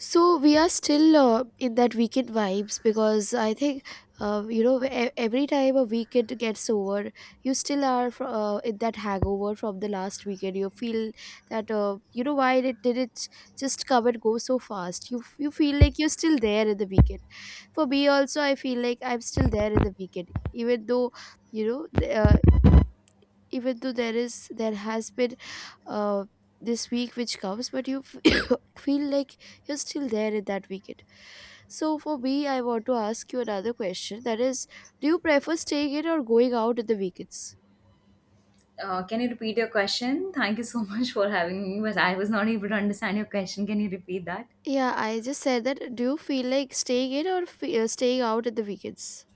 So we are still in that weekend vibes because I think you know every time a weekend gets over, you still are in that hangover from the last weekend. You feel that you know why it did it just come and go so fast. You feel like you're still there in the weekend. For me also, I feel like I'm still there in the weekend, even though you know even though there has been uh, this week which comes but you feel like you're still there in that weekend. So for me, I want to ask you another question, that is, do you prefer staying in or going out in the weekends? Can you repeat your question? Thank you so much for having me, but I was not able to understand your question. Can you repeat that? Yeah, I just said that, do you feel like staying in or staying out at the weekends?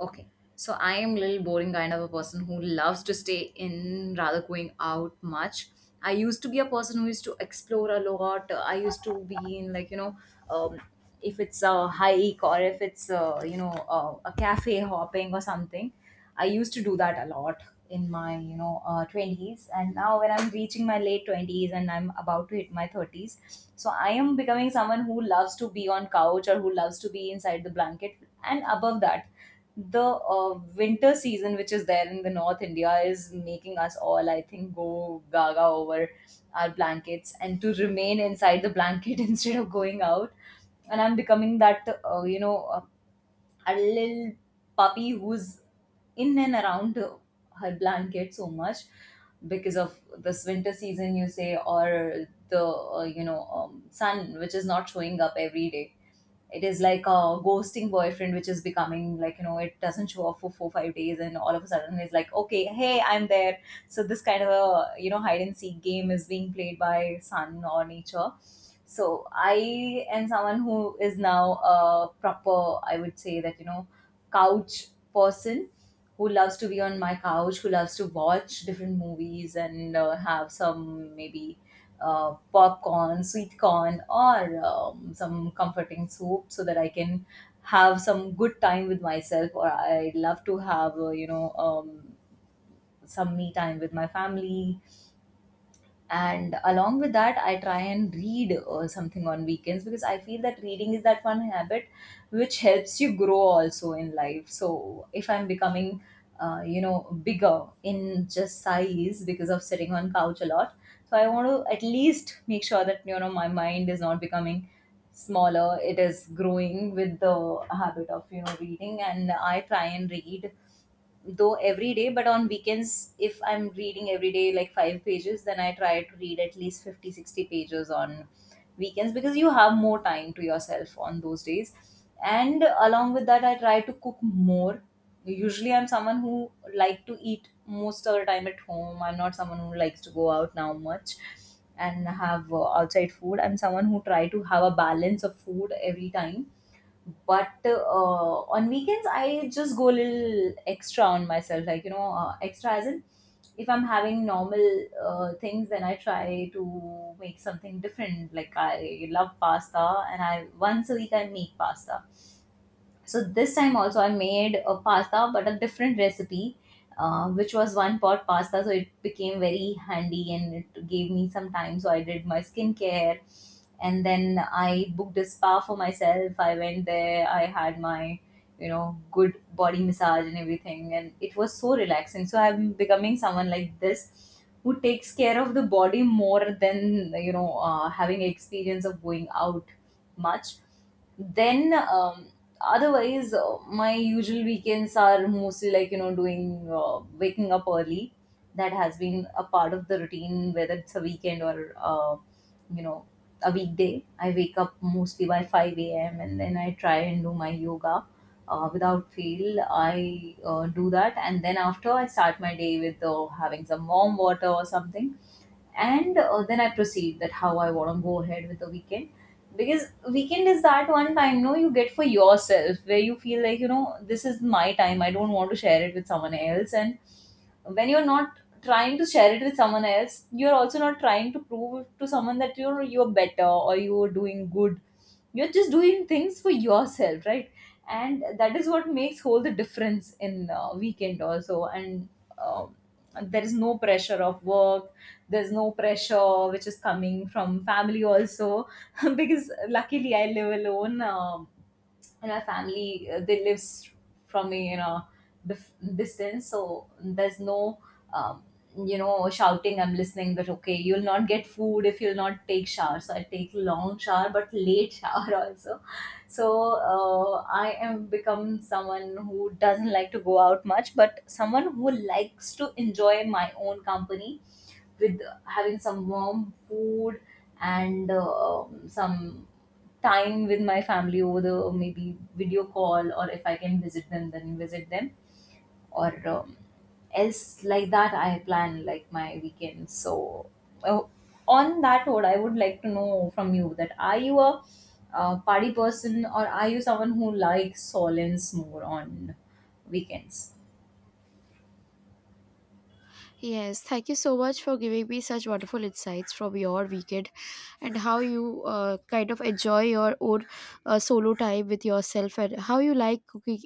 Okay. So I am little boring kind of a person who loves to stay in rather going out much. I used to be a person who used to explore a lot. I used to be in like um, if it's a hike or if it's a, a cafe hopping or something. I used to do that a lot in my 20s. And now when I'm reaching my late 20s and I'm about to hit my 30s, so I am becoming someone who loves to be on couch or who loves to be inside the blanket. And above that, the winter season which is there in the North India is making us all, I think, go gaga over our blankets and to remain inside the blanket instead of going out. And I'm becoming that, a little puppy who's in and around her blanket so much, because of this winter season, you say, or the sun which is not showing up every day. It is like a ghosting boyfriend, which is becoming like, it doesn't show up for 4-5 days, and all of a sudden it's like, okay, hey, I'm there. So this kind of a, hide and seek game is being played by sun or nature. So I am someone who is now a proper, I would say that, couch person who loves to be on my couch, who loves to watch different movies and have some, maybe popcorn, sweet corn, or some comforting soup, so that I can have some good time with myself. Or I love to have, some me time with my family. And along with that I try and read or something on weekends, because I feel that reading is that one habit which helps you grow also in life. So if I'm becoming bigger in just size because of sitting on couch a lot, so I want to at least make sure that, my mind is not becoming smaller, it is growing with the habit of reading. And I try and read though every day, but on weekends, if I'm reading every day like five pages, then I try to read at least 50, 60 pages on weekends, because you have more time to yourself on those days. And along with that, I try to cook more. Usually I'm someone who like to eat most of the time at home, I'm not someone who likes to go out now much and have outside food. I'm someone who try to have a balance of food every time. But on weekends, I just go a little extra on myself, like, extra as in if I'm having normal things, then I try to make something different, like I love pasta. And I, once a week, I make pasta. So this time also I made a pasta, but a different recipe, which was one pot pasta. So it became very handy and it gave me some time. So I did my skincare, and then I booked a spa for myself. I went there. I had my, good body massage and everything, and it was so relaxing. So I'm becoming someone like this who takes care of the body more than, having experience of going out much. Then, otherwise, my usual weekends are mostly like, doing, waking up early. That has been a part of the routine, whether it's a weekend or you know a weekday. I wake up mostly by 5 a.m. and then I try and do my yoga. Without fail I do that. And then after, I start my day with having some warm water or something. And then I proceed that how I want to go ahead with the weekend, because weekend is that one time, no, you get for yourself, where you feel like, this is my time, I don't want to share it with someone else. And when you're not trying to share it with someone else, you're also not trying to prove to someone that you're better or you're doing good. You're just doing things for yourself, right? And that is what makes all the difference in weekend also. And um there is no pressure of work. There's no pressure which is coming from family also. Because luckily I live alone. And my family, they live from me, you know, dif- distance, so there's no um, shouting. I'm listening that okay, you'll not get food if you'll not take shower. So I take long shower, but late shower also. So I am become someone who doesn't like to go out much, but someone who likes to enjoy my own company, with having some warm food and some time with my family over the, maybe, video call, or if I can visit them then visit them, or else like that I plan like my weekend. So uh, on that note, I would like to know from you, that are you a party person, or are you someone who likes solence more on weekends? Yes, thank you so much for giving me such wonderful insights from your weekend and how you kind of enjoy your own solo time with yourself and how you like cooking,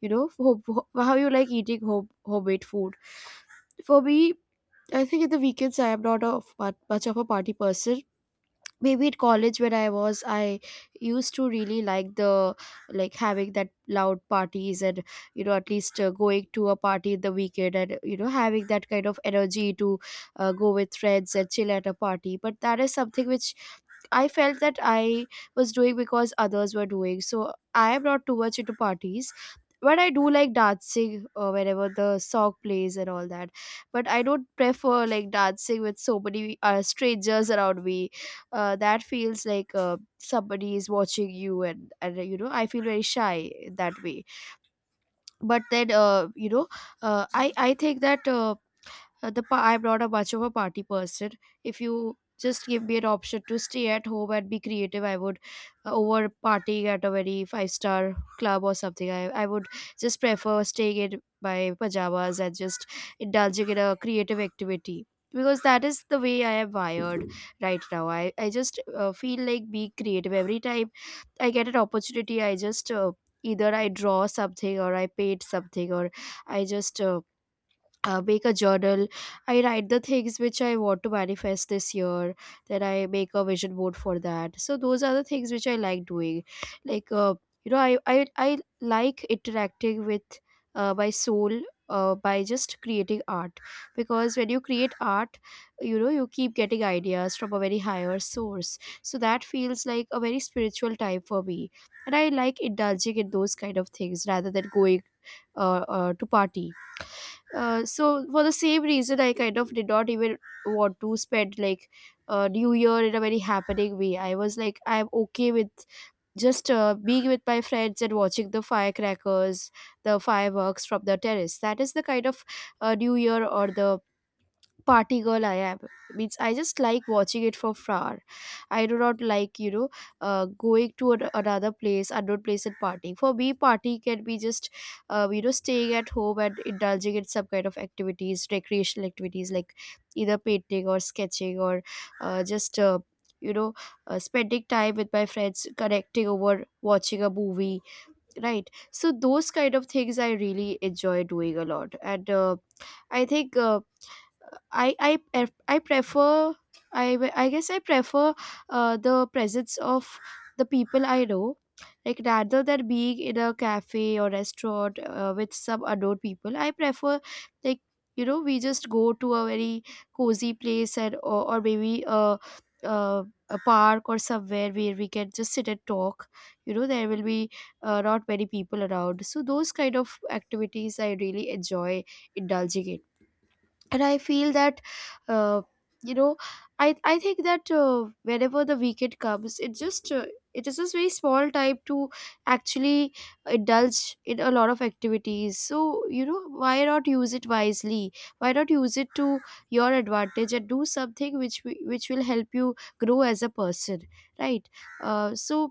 you know, how you like eating homemade food. For me, I think in the weekends I am not a much of a party person. Maybe at college when I was, I used to really like the, like having that loud parties and you know, at least going to a party in the weekend and you know having that kind of energy to go with friends and chill at a party. But that is something which I felt that I was doing because others were doing. So I am not too much into parties. But I do like dancing whenever the song plays and all that. But I don't prefer like dancing with so many strangers around me. That feels like somebody is watching you, and you know I feel very shy in that way. But then you know, I think that I'm not a much of a party person. If you just give me an option to stay at home and be creative, I would, over partying at a very five-star club or something. I would just prefer staying in my pajamas and just indulging in a creative activity, because that is the way I am wired right now. I just feel like being creative every time I get an opportunity. I just either I draw something or I paint something or I just make a journal. I write the things which I want to manifest this year. Then I make a vision board for that. So those are the things which I like doing. Like you know, I like interacting with my soul. By just creating art, because when you create art, you know, you keep getting ideas from a very higher source, so that feels like a very spiritual time for me. And I like indulging in those kind of things rather than going to party. Uh, so for the same reason, I kind of did not even want to spend like New Year in a very happening way. I was like, I'm okay with just being with my friends and watching the firecrackers, the fireworks from the terrace. That is the kind of New Year or the party girl I am. Means I just like watching it for far. I do not like, you know, going to another place, unknown place, and partying. For me, party can be just you know, staying at home and indulging in some kind of activities, recreational activities, like either painting or sketching or just. You know, spending time with my friends, connecting over watching a movie, right? So those kind of things I really enjoy doing a lot. And i think uh, I prefer, I guess I prefer the presence of the people I know, like rather than being in a cafe or restaurant with some unknown people. I prefer like, you know, we just go to a very cozy place and, or maybe a park or somewhere where we can just sit and talk. You know, there will be not many people around, so those kind of activities I really enjoy indulging in. And I feel that, uh, you know I think that whenever the weekend comes, it is just very small time to actually indulge in a lot of activities. So you know, why not use it wisely, why not use it to your advantage and do something which which will help you grow as a person, right? Uh, so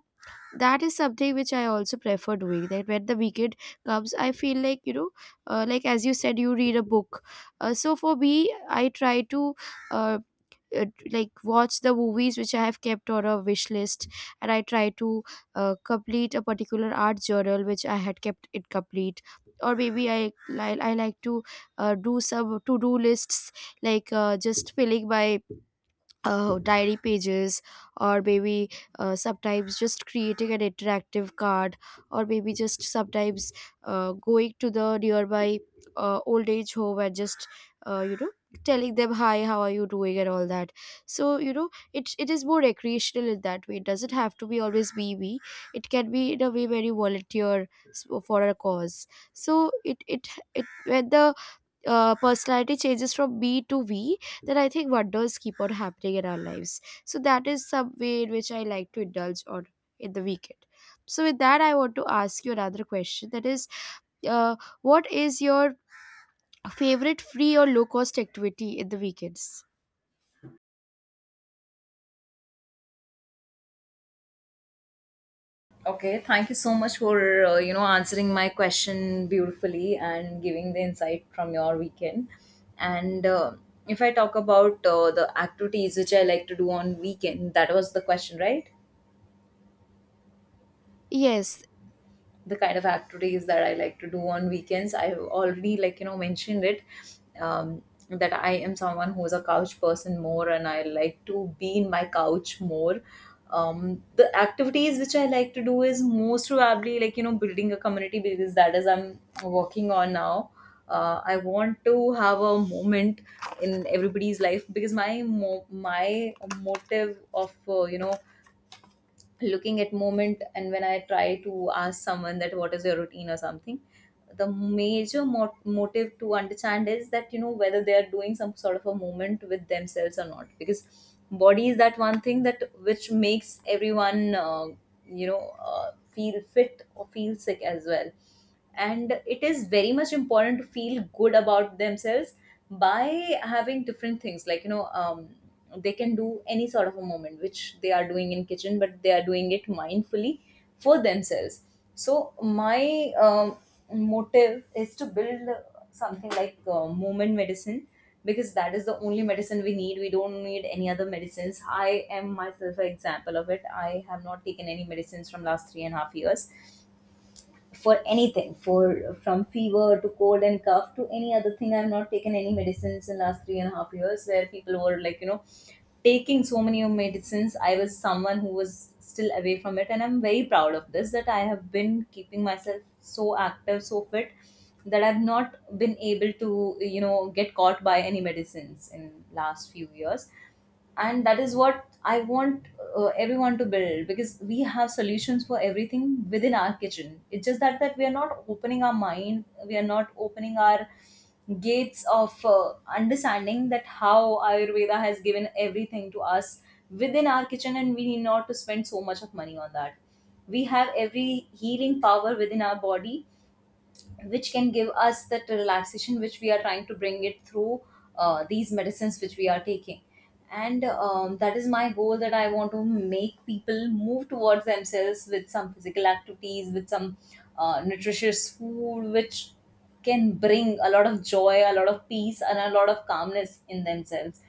that is something which I also prefer doing, that when the weekend comes, I feel like, you know, like as you said, you read a book. Uh, so for me, I try to uh, uh, like watch the movies which I have kept on a wish list, and I try to complete a particular art journal which I had kept it complete. Or maybe I like to do some to do lists, like just filling my diary pages, or maybe sometimes just creating an interactive card, or maybe just sometimes going to the nearby old age home and just you know, telling them hi, how are you doing, and all that. So you know, it is more recreational in that way. It doesn't have to be always be me, it can be in a way very volunteer for a cause. So it when the personality changes from B to V, then I think wonders keep on happening in our lives. So that is some way in which I like to indulge on in the weekend. So with that, I want to ask you another question. That is, uh, what is your favorite free or low cost activity in the weekends? Okay, thank you so much for answering my question beautifully and giving the insight from your weekend. And if I talk about the activities which I like to do on weekend, that was the question, right? Yes, The kind of activities that I like to do on weekends, I've already like, mentioned it, um, that I am someone who's a couch person more, and I like to be in my couch more. The activities which I like to do is most probably like, building a community, because that is I'm working on now. I want to have a moment in everybody's life, because my motive of looking at moment, and when I try to ask someone that what is your routine or something, the major motive to understand is that, whether they are doing some sort of a movement with themselves or not, because body is that one thing that which makes everyone feel fit or feel sick as well. And it is very much important to feel good about themselves by having different things like, they can do any sort of a moment which they are doing in kitchen, but they are doing it mindfully for themselves. So my, motive is to build something like, movement medicine. Because that is the only medicine we need, we don't need any other medicines. I am myself an example of it. I have not taken any medicines from last 3.5 years, for anything, for from fever to cold and cough to any other thing. I've not taken any medicines in last 3.5 years, where people were like, taking so many of medicines. I was someone who was still away from it, and I'm very proud of this, that I have been keeping myself so active, so fit, that I've not been able to get caught by any medicines in last few years. And that is what I want everyone to build, because we have solutions for everything within our kitchen. It's just that we are not opening our mind, we are not opening our gates of understanding that how Ayurveda has given everything to us within our kitchen, and we need not to spend so much of money on that. We have every healing power within our body, which can give us that relaxation which we are trying to bring it through these medicines which we are taking. And that is my goal, that I want to make people move towards themselves with some physical activities, with some nutritious food, which can bring a lot of joy, a lot of peace, and a lot of calmness in themselves.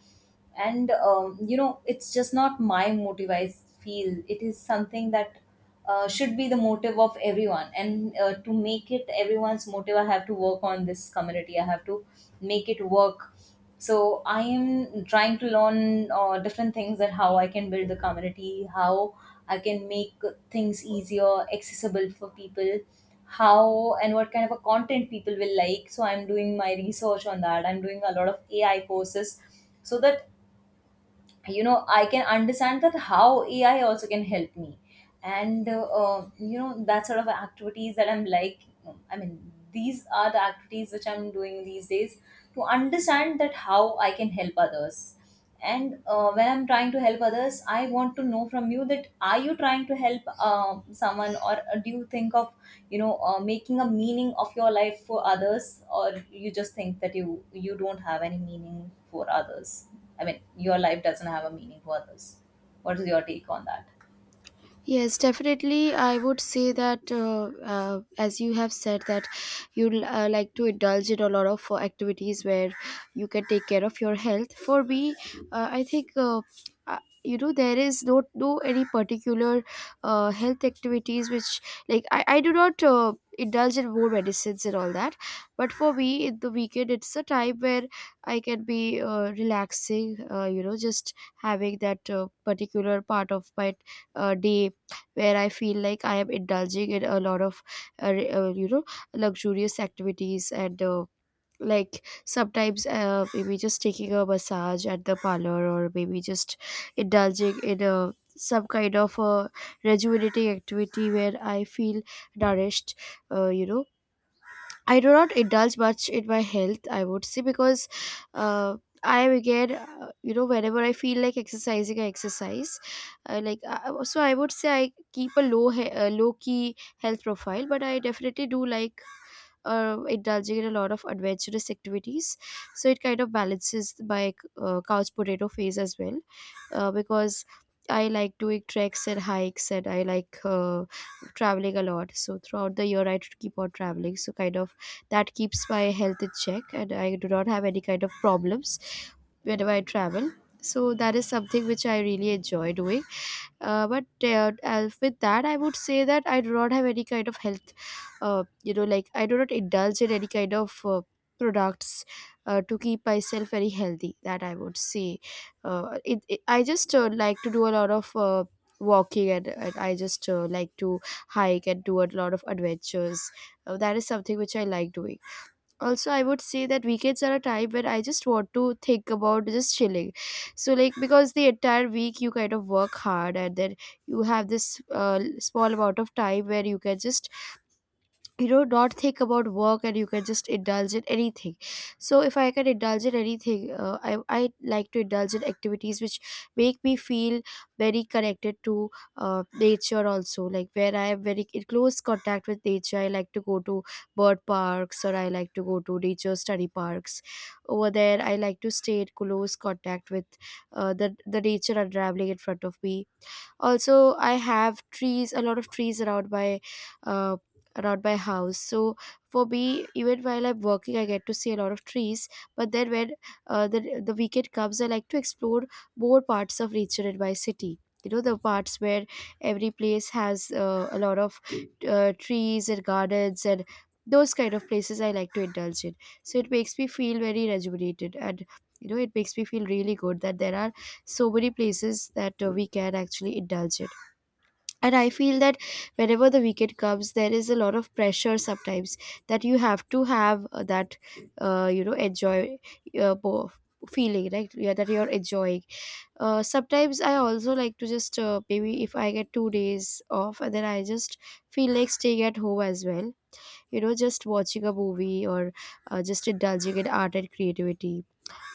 And it's just not my motive, I feel it is something that should be the motive of everyone. And to make it everyone's motive, I have to work on this community, I have to make it work. So I am trying to learn different things, that how I can build the community, how I can make things easier accessible for people, how and what kind of a content people will like. So I'm doing my research on that. I'm doing a lot of AI courses so that I can understand that how AI also can help me. And that sort of activities that I'm like I mean these are the activities which I'm doing these days to understand that how I can help others. And when I'm trying to help others, I want to know from you that are you trying to help someone, or do you think of making a meaning of your life for others, or you just think that you don't have any meaning for others? I mean, your life doesn't have a meaning for others. What is your take on that? yes, definitely. I would say that, as you have said, that you like to indulge in a lot of activities where you can take care of your health. For me, I think. Uh, you know, there is no any particular health activities which, I do not indulge in more medicines and all that. But for me, in the weekend, it's a time where I can be relaxing, you know, just having that particular part of my day where I feel like I am indulging in a lot of, you know, luxurious activities and. Like sometimes maybe just taking a massage at the parlor, or maybe just indulging in a some kind of a rejuvenating activity where I feel nourished. You know, I do not indulge much in my health, I would say, because uh, I again, you know, whenever I feel like exercising, I exercise. So, I would say I keep a low, low key health profile, but I definitely do like indulging in a lot of adventurous activities. So it kind of balances my couch potato phase as well, because I like doing treks and hikes, and I like traveling a lot. So throughout the year, I keep on traveling. So kind of that keeps my health in check, and I do not have any kind of problems whenever I travel. So that is something which I really enjoy doing. But as with that, I would say that I do not have any kind of health, like I do not indulge in any kind of products to keep myself very healthy, that I would say. I just like to do a lot of walking, and I just like to hike and do a lot of adventures. That is something which I like doing. Also, I would say that weekends are a time when I just want to think about just chilling. So, like, because the entire week you kind of work hard, and then you have this small amount of time where you can just, you know, not think about work, and you can just indulge in anything. So if I can indulge in anything, I like to indulge in activities which make me feel very connected to nature also, like where I am very in close contact with nature. I like to go to bird parks, or I like to go to nature study parks. Over there, I like to stay in close contact with the nature unraveling in front of me. Also, I have trees, a lot of trees uh, around my house. So for me, even while I'm working, I get to see a lot of trees. But then when the weekend comes, I like to explore more parts of nature in my city. You know, the parts where every place has a lot of trees and gardens, and those kind of places I like to indulge in. So it makes me feel very rejuvenated, and you know it makes me feel really good that there are so many places that we can actually indulge it. And I feel that whenever the weekend comes, there is a lot of pressure sometimes that you have to have, that you know, enjoy uh, bo- feeling, right? Yeah, that you're enjoying. Sometimes I also like to just, maybe if I get 2 days off, and then I just feel like staying at home as well, you know, just watching a movie, or just indulging in art and creativity,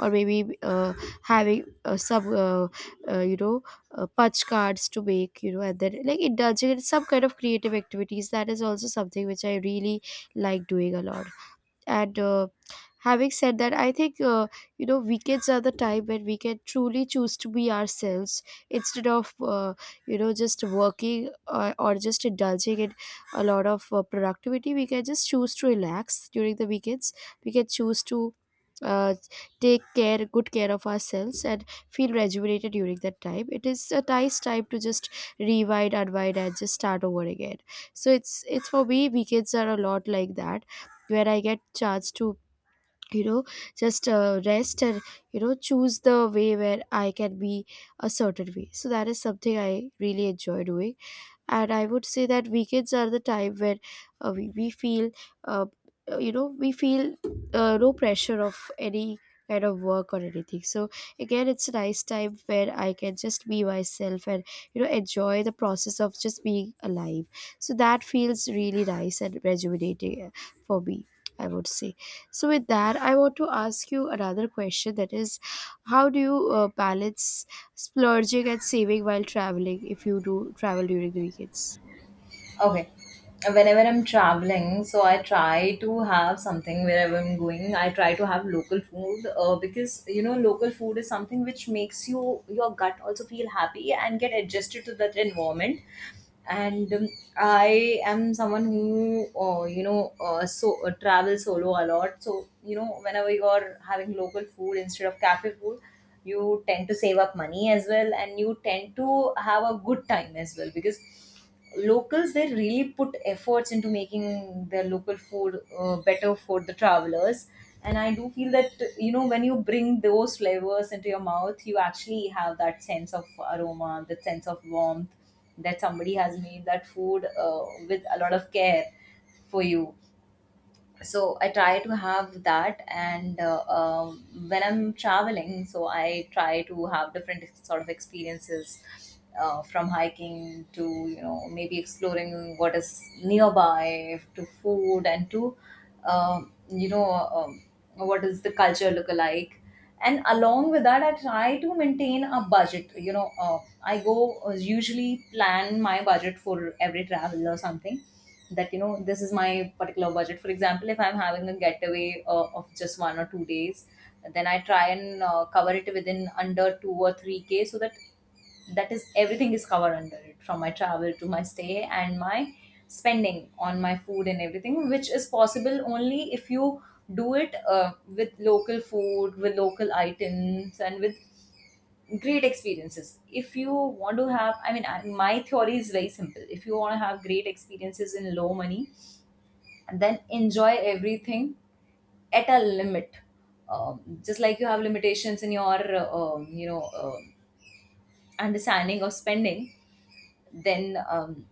or maybe having some you know punch cards to make, you know, and then like indulging in some kind of creative activities. That is also something which I really like doing a lot. And having said that, I think, you know, weekends are the time when we can truly choose to be ourselves, instead of you know, just working, or just indulging in a lot of productivity. We can just choose to relax during the weekends. We can choose to uh, take care, good care of ourselves, and feel rejuvenated during that time. It is a nice time to just rewind, unwind, and just start over again. So it's for me, weekends are a lot like that, where I get chance to, you know, just rest, and you know, choose the way where I can be a certain way. So that is something I really enjoy doing. And I would say that weekends are the time where we feel uh, you know, we feel no pressure of any kind of work or anything. So again, it's a nice time where I can just be myself and, you know, enjoy the process of just being alive. So that feels really nice and rejuvenating, for me, I would say. So with that, I want to ask you another question, that is, how do you balance splurging and saving while traveling, if you do travel during the weekends? Okay. Whenever I'm traveling, so I try to have something wherever I'm going. I try to have local food, because you know local food is something which makes you, your gut also feel happy and get adjusted to that environment. And I am someone who, travel solo a lot, so you know whenever you're having local food instead of cafe food, you tend to save up money as well, and you tend to have a good time as well, because locals, they really put efforts into making their local food better for the travelers. And I do feel that you know when you bring those flavors into your mouth, you actually have that sense of aroma, that sense of warmth, that somebody has made that food with a lot of care for you. So I try to have that. And when I'm traveling, so I try to have different sort of experiences, from hiking to, you know, maybe exploring what is nearby, to food, and to um, you know um, what is the culture look alike. And along with that, I try to maintain a budget, you know. I go usually plan my budget for every travel or something, that you know this is my particular budget. For example, if I'm having a getaway of just 1 or 2 days, then I try and cover it within, under 2 or 3K, so that that is everything is covered under it, from my travel to my stay and my spending on my food and everything, which is possible only if you do it with local food, with local items, and with great experiences. If you want to have, I mean, my theory is very simple. If you want to have great experiences in low money, then enjoy everything at a limit. Just like you have limitations in your understanding of spending, then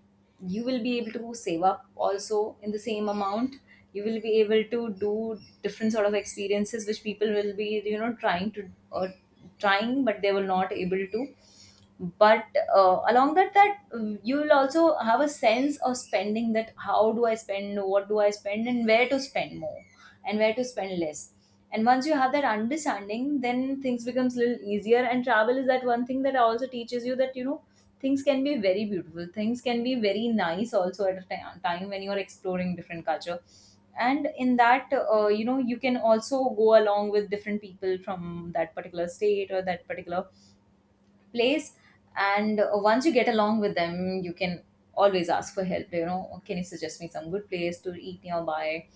you will be able to save up also in the same amount. You will be able to do different sort of experiences which people will be, you know, trying to, or trying, but they were not able to. But along that that you will also have a sense of spending, that how do I spend, what do I spend, and where to spend more and where to spend less. And once you have that understanding, then things becomes a little easier. And travel is that one thing that also teaches you that you know things can be very beautiful, things can be very nice also at a time when you are exploring different culture. And in that, you know, you can also go along with different people from that particular state or that particular place. And once you get along with them, you can always ask for help. You know, can you suggest me some good place to eat nearby,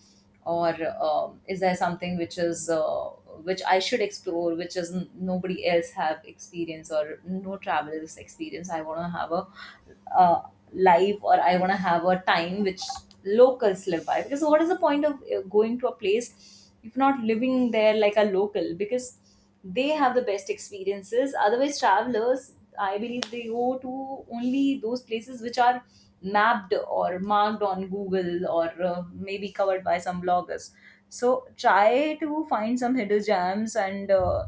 or is there something which is which I should explore, which is nobody else have experience, or no travelers experience. I want to have a uh, life, or I want to have a time which locals live by, because what is the point of going to a place if not living there like a local, because they have the best experiences. Otherwise, travelers, I believe, they go to only those places which are mapped or marked on Google, or maybe covered by some bloggers. So try to find some hidden gems and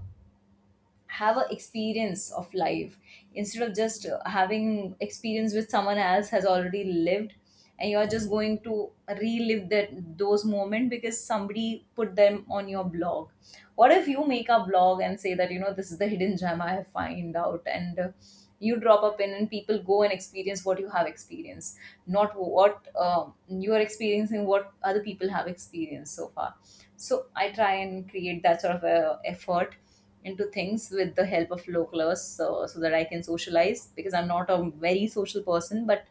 have a experience of life, instead of just having experience with someone else has already lived, and you're just going to relive that, those moments, because somebody put them on your blog. What if you make a blog and say that, you know, this is the hidden gem I have find out, and you drop a pin and people go and experience what you have experienced, not what you are experiencing what other people have experienced so far. So I try and create that sort of a effort into things with the help of localers, so that I can socialize, because I'm not a very social person, but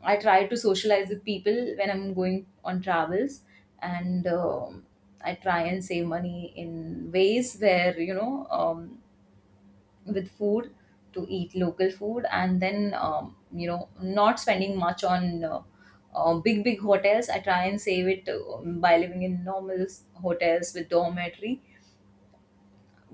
I try to socialize with people when I'm going on travels. And I try and save money in ways where, you know, with food, to eat local food, and then, you know, not spending much on. Big hotels. I try and save it by living in normal hotels with dormitory,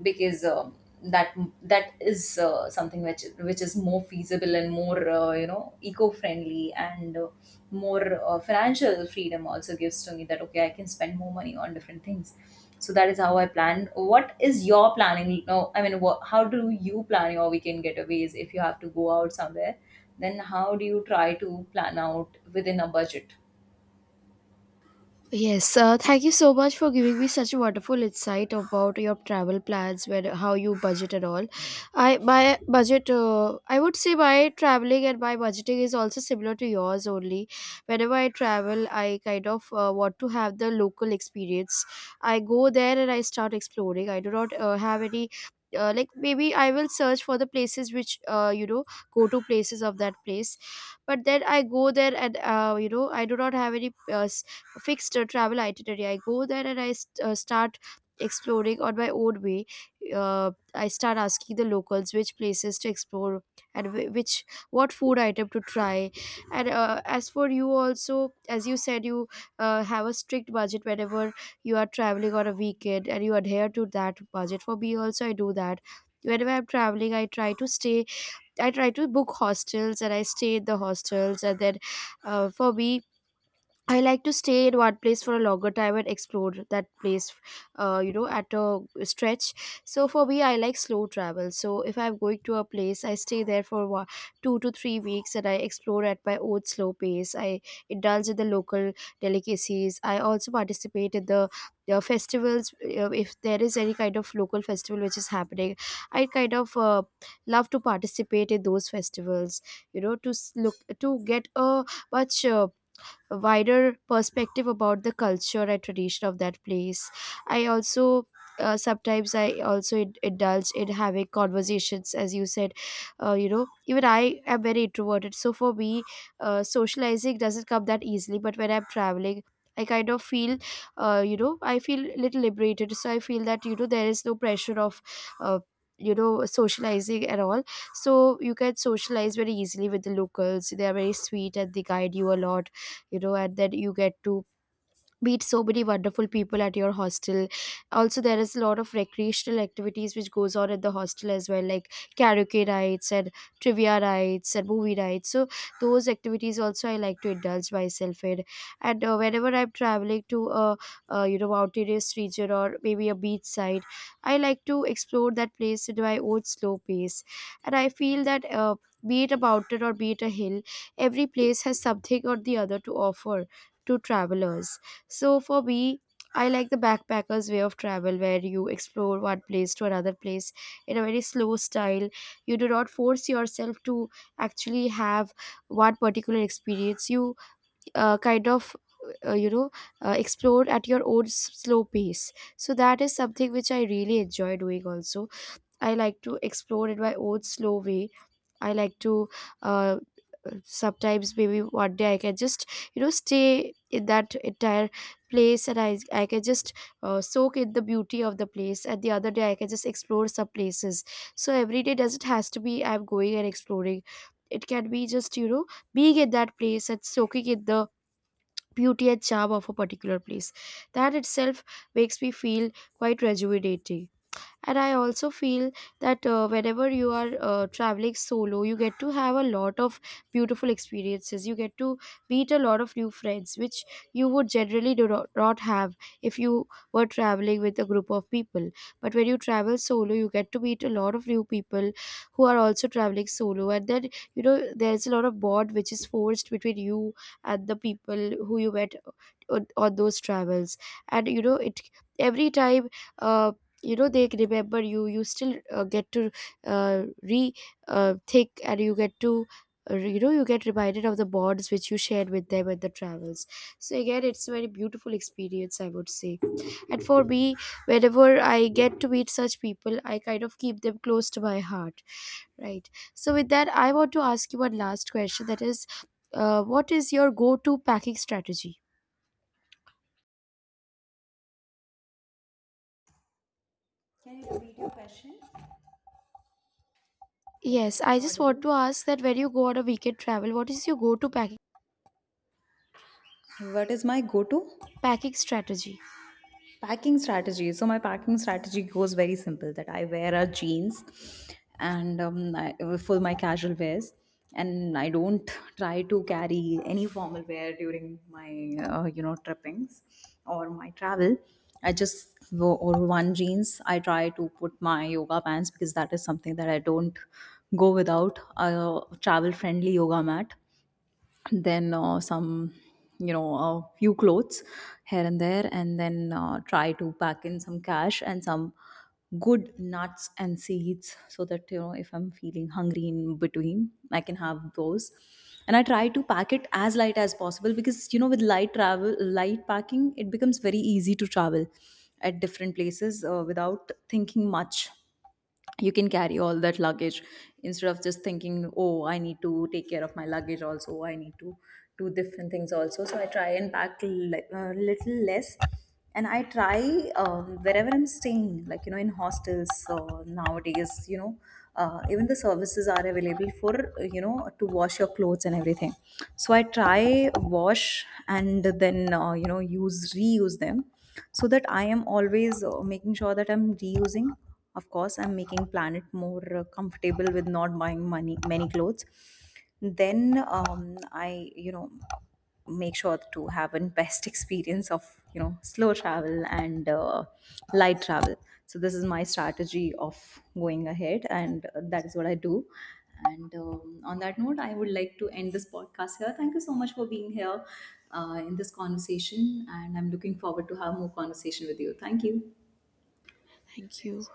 because that that is something which is more feasible and more, you know, eco friendly, and more financial freedom also gives to me, that okay, I can spend more money on different things. So that is how I plan. What is your planning? No, I mean, what, how do you plan your weekend getaways? If you have to go out somewhere, then how do you try to plan out within a budget? Yes, thank you so much for giving me such a wonderful insight about your travel plans, where how you budget and all. I, my budget, I would say my traveling and my budgeting is also similar to yours only. Whenever I travel, I kind of want to have the local experience. I go there and I start exploring. I do not have any. Like, maybe I will search for the places which, you know, go to places of that place, but then I go there and, you know, I do not have any fixed travel itinerary. I go there and I start exploring on my own way. I start asking the locals which places to explore, and which, what food item to try. And as for you also, as you said, you have a strict budget whenever you are traveling on a weekend, and you adhere to that budget. For me also, I do that. Whenever I'm traveling, I try to stay I try to book hostels, and I stay in the hostels. And then, for me, I like to stay at one place for a longer time and explore that place, you know, at a stretch. So for me, I like slow travel. So if I'm going to a place, I stay there for one, 2 to 3 weeks, and I explore at my own slow pace. I indulge in the local delicacies. I also participate in the festivals. If there is any kind of local festival which is happening, I kind of love to participate in those festivals. You know, to look to get a much. A wider perspective about the culture and tradition of that place. I also sometimes I also indulge in having conversations. As you said, you know, even I am very introverted, so for me, socializing doesn't come that easily. But when I'm traveling, I kind of feel, you know, I feel a little liberated. So I feel that, you know, there is no pressure of uh, you know, socializing at all. So you can socialize very easily with the locals. They are very sweet and they guide you a lot, you know. And then you get to meet so many wonderful people at your hostel. Also, there is a lot of recreational activities which goes on at the hostel as well, like karaoke nights, and trivia nights, and movie nights. So those activities also I like to indulge myself in. And whenever I'm traveling to a, you know, mountainous region or maybe a beach side, I like to explore that place in my own slow pace. And I feel that, be it a mountain or be it a hill, every place has something or the other to offer to travelers. So for me, I like the backpackers way of travel, where you explore one place to another place in a very slow style. You do not force yourself to actually have one particular experience. You kind of uh, you know explore at your own slow pace. So that is something which I really enjoy doing. Also, I like to explore in my own slow way. I like to uh, sometimes maybe one day I can just, you know, stay in that entire place, and I can just soak in the beauty of the place, and the other day I can just explore some places. So every day doesn't has to be I'm going and exploring. It can be just, you know, being in that place and soaking in the beauty and charm of a particular place. That itself makes me feel quite rejuvenating. And I also feel that, whenever you are traveling solo, you get to have a lot of beautiful experiences. You get to meet a lot of new friends which you would generally do not, not have if you were traveling with a group of people. But when you travel solo, you get to meet a lot of new people who are also traveling solo. And then, you know, there's a lot of bond which is forged between you and the people who you met on those travels. And you know it, every time, uh, you know, they remember you, you still get to re think, and you get to you know, you get reminded of the bonds which you shared with them at the travels. So again, it's a very beautiful experience, I would say. And for me, whenever I get to meet such people, I kind of keep them close to my heart. Right, so with that I want to ask you one last question, that is, what is your go-to packing strategy? Can you repeat your question? Hello, Yes, am I I just want audible? to ask that when you go on a weekend travel, what is your go-to What is my go to? packing strategy. Packing strategy. So my packing strategy goes very simple, that I wear a jeans, and I, for my casual wears, and I don't try to carry any formal wear during my, you know, trippings or my travel. I just go or one jeans. I try to put my yoga pants, because that is something that I don't go without, a travel friendly yoga mat, then some, you know, a few clothes here and there, and then try to pack in some cash and some good nuts and seeds, so that you know if I'm feeling hungry in between I can have those. And I try to pack it as light as possible, because you know with light travel, light packing, it becomes very easy to travel at different places without thinking much. You can carry all that luggage instead of just thinking, oh, I need to take care of my luggage also, I need to do different things also. So I try and pack little less. And I try, wherever I'm staying, like, you know, in hostels, so nowadays, you know, even the services are available for you know, to wash your clothes and everything. So I try wash, and then you know, use, reuse them, so that I am always making sure that I'm reusing. Of course, I'm making planet more comfortable with not buying money many clothes. Then I, you know, make sure to have an best experience of, you know, slow travel and light travel. So this is my strategy of going ahead, and that is what I do. And on that note, I would like to end this podcast here. Thank you so much for being here in this conversation, and I'm looking forward to have more conversation with you. Thank you. Thank you.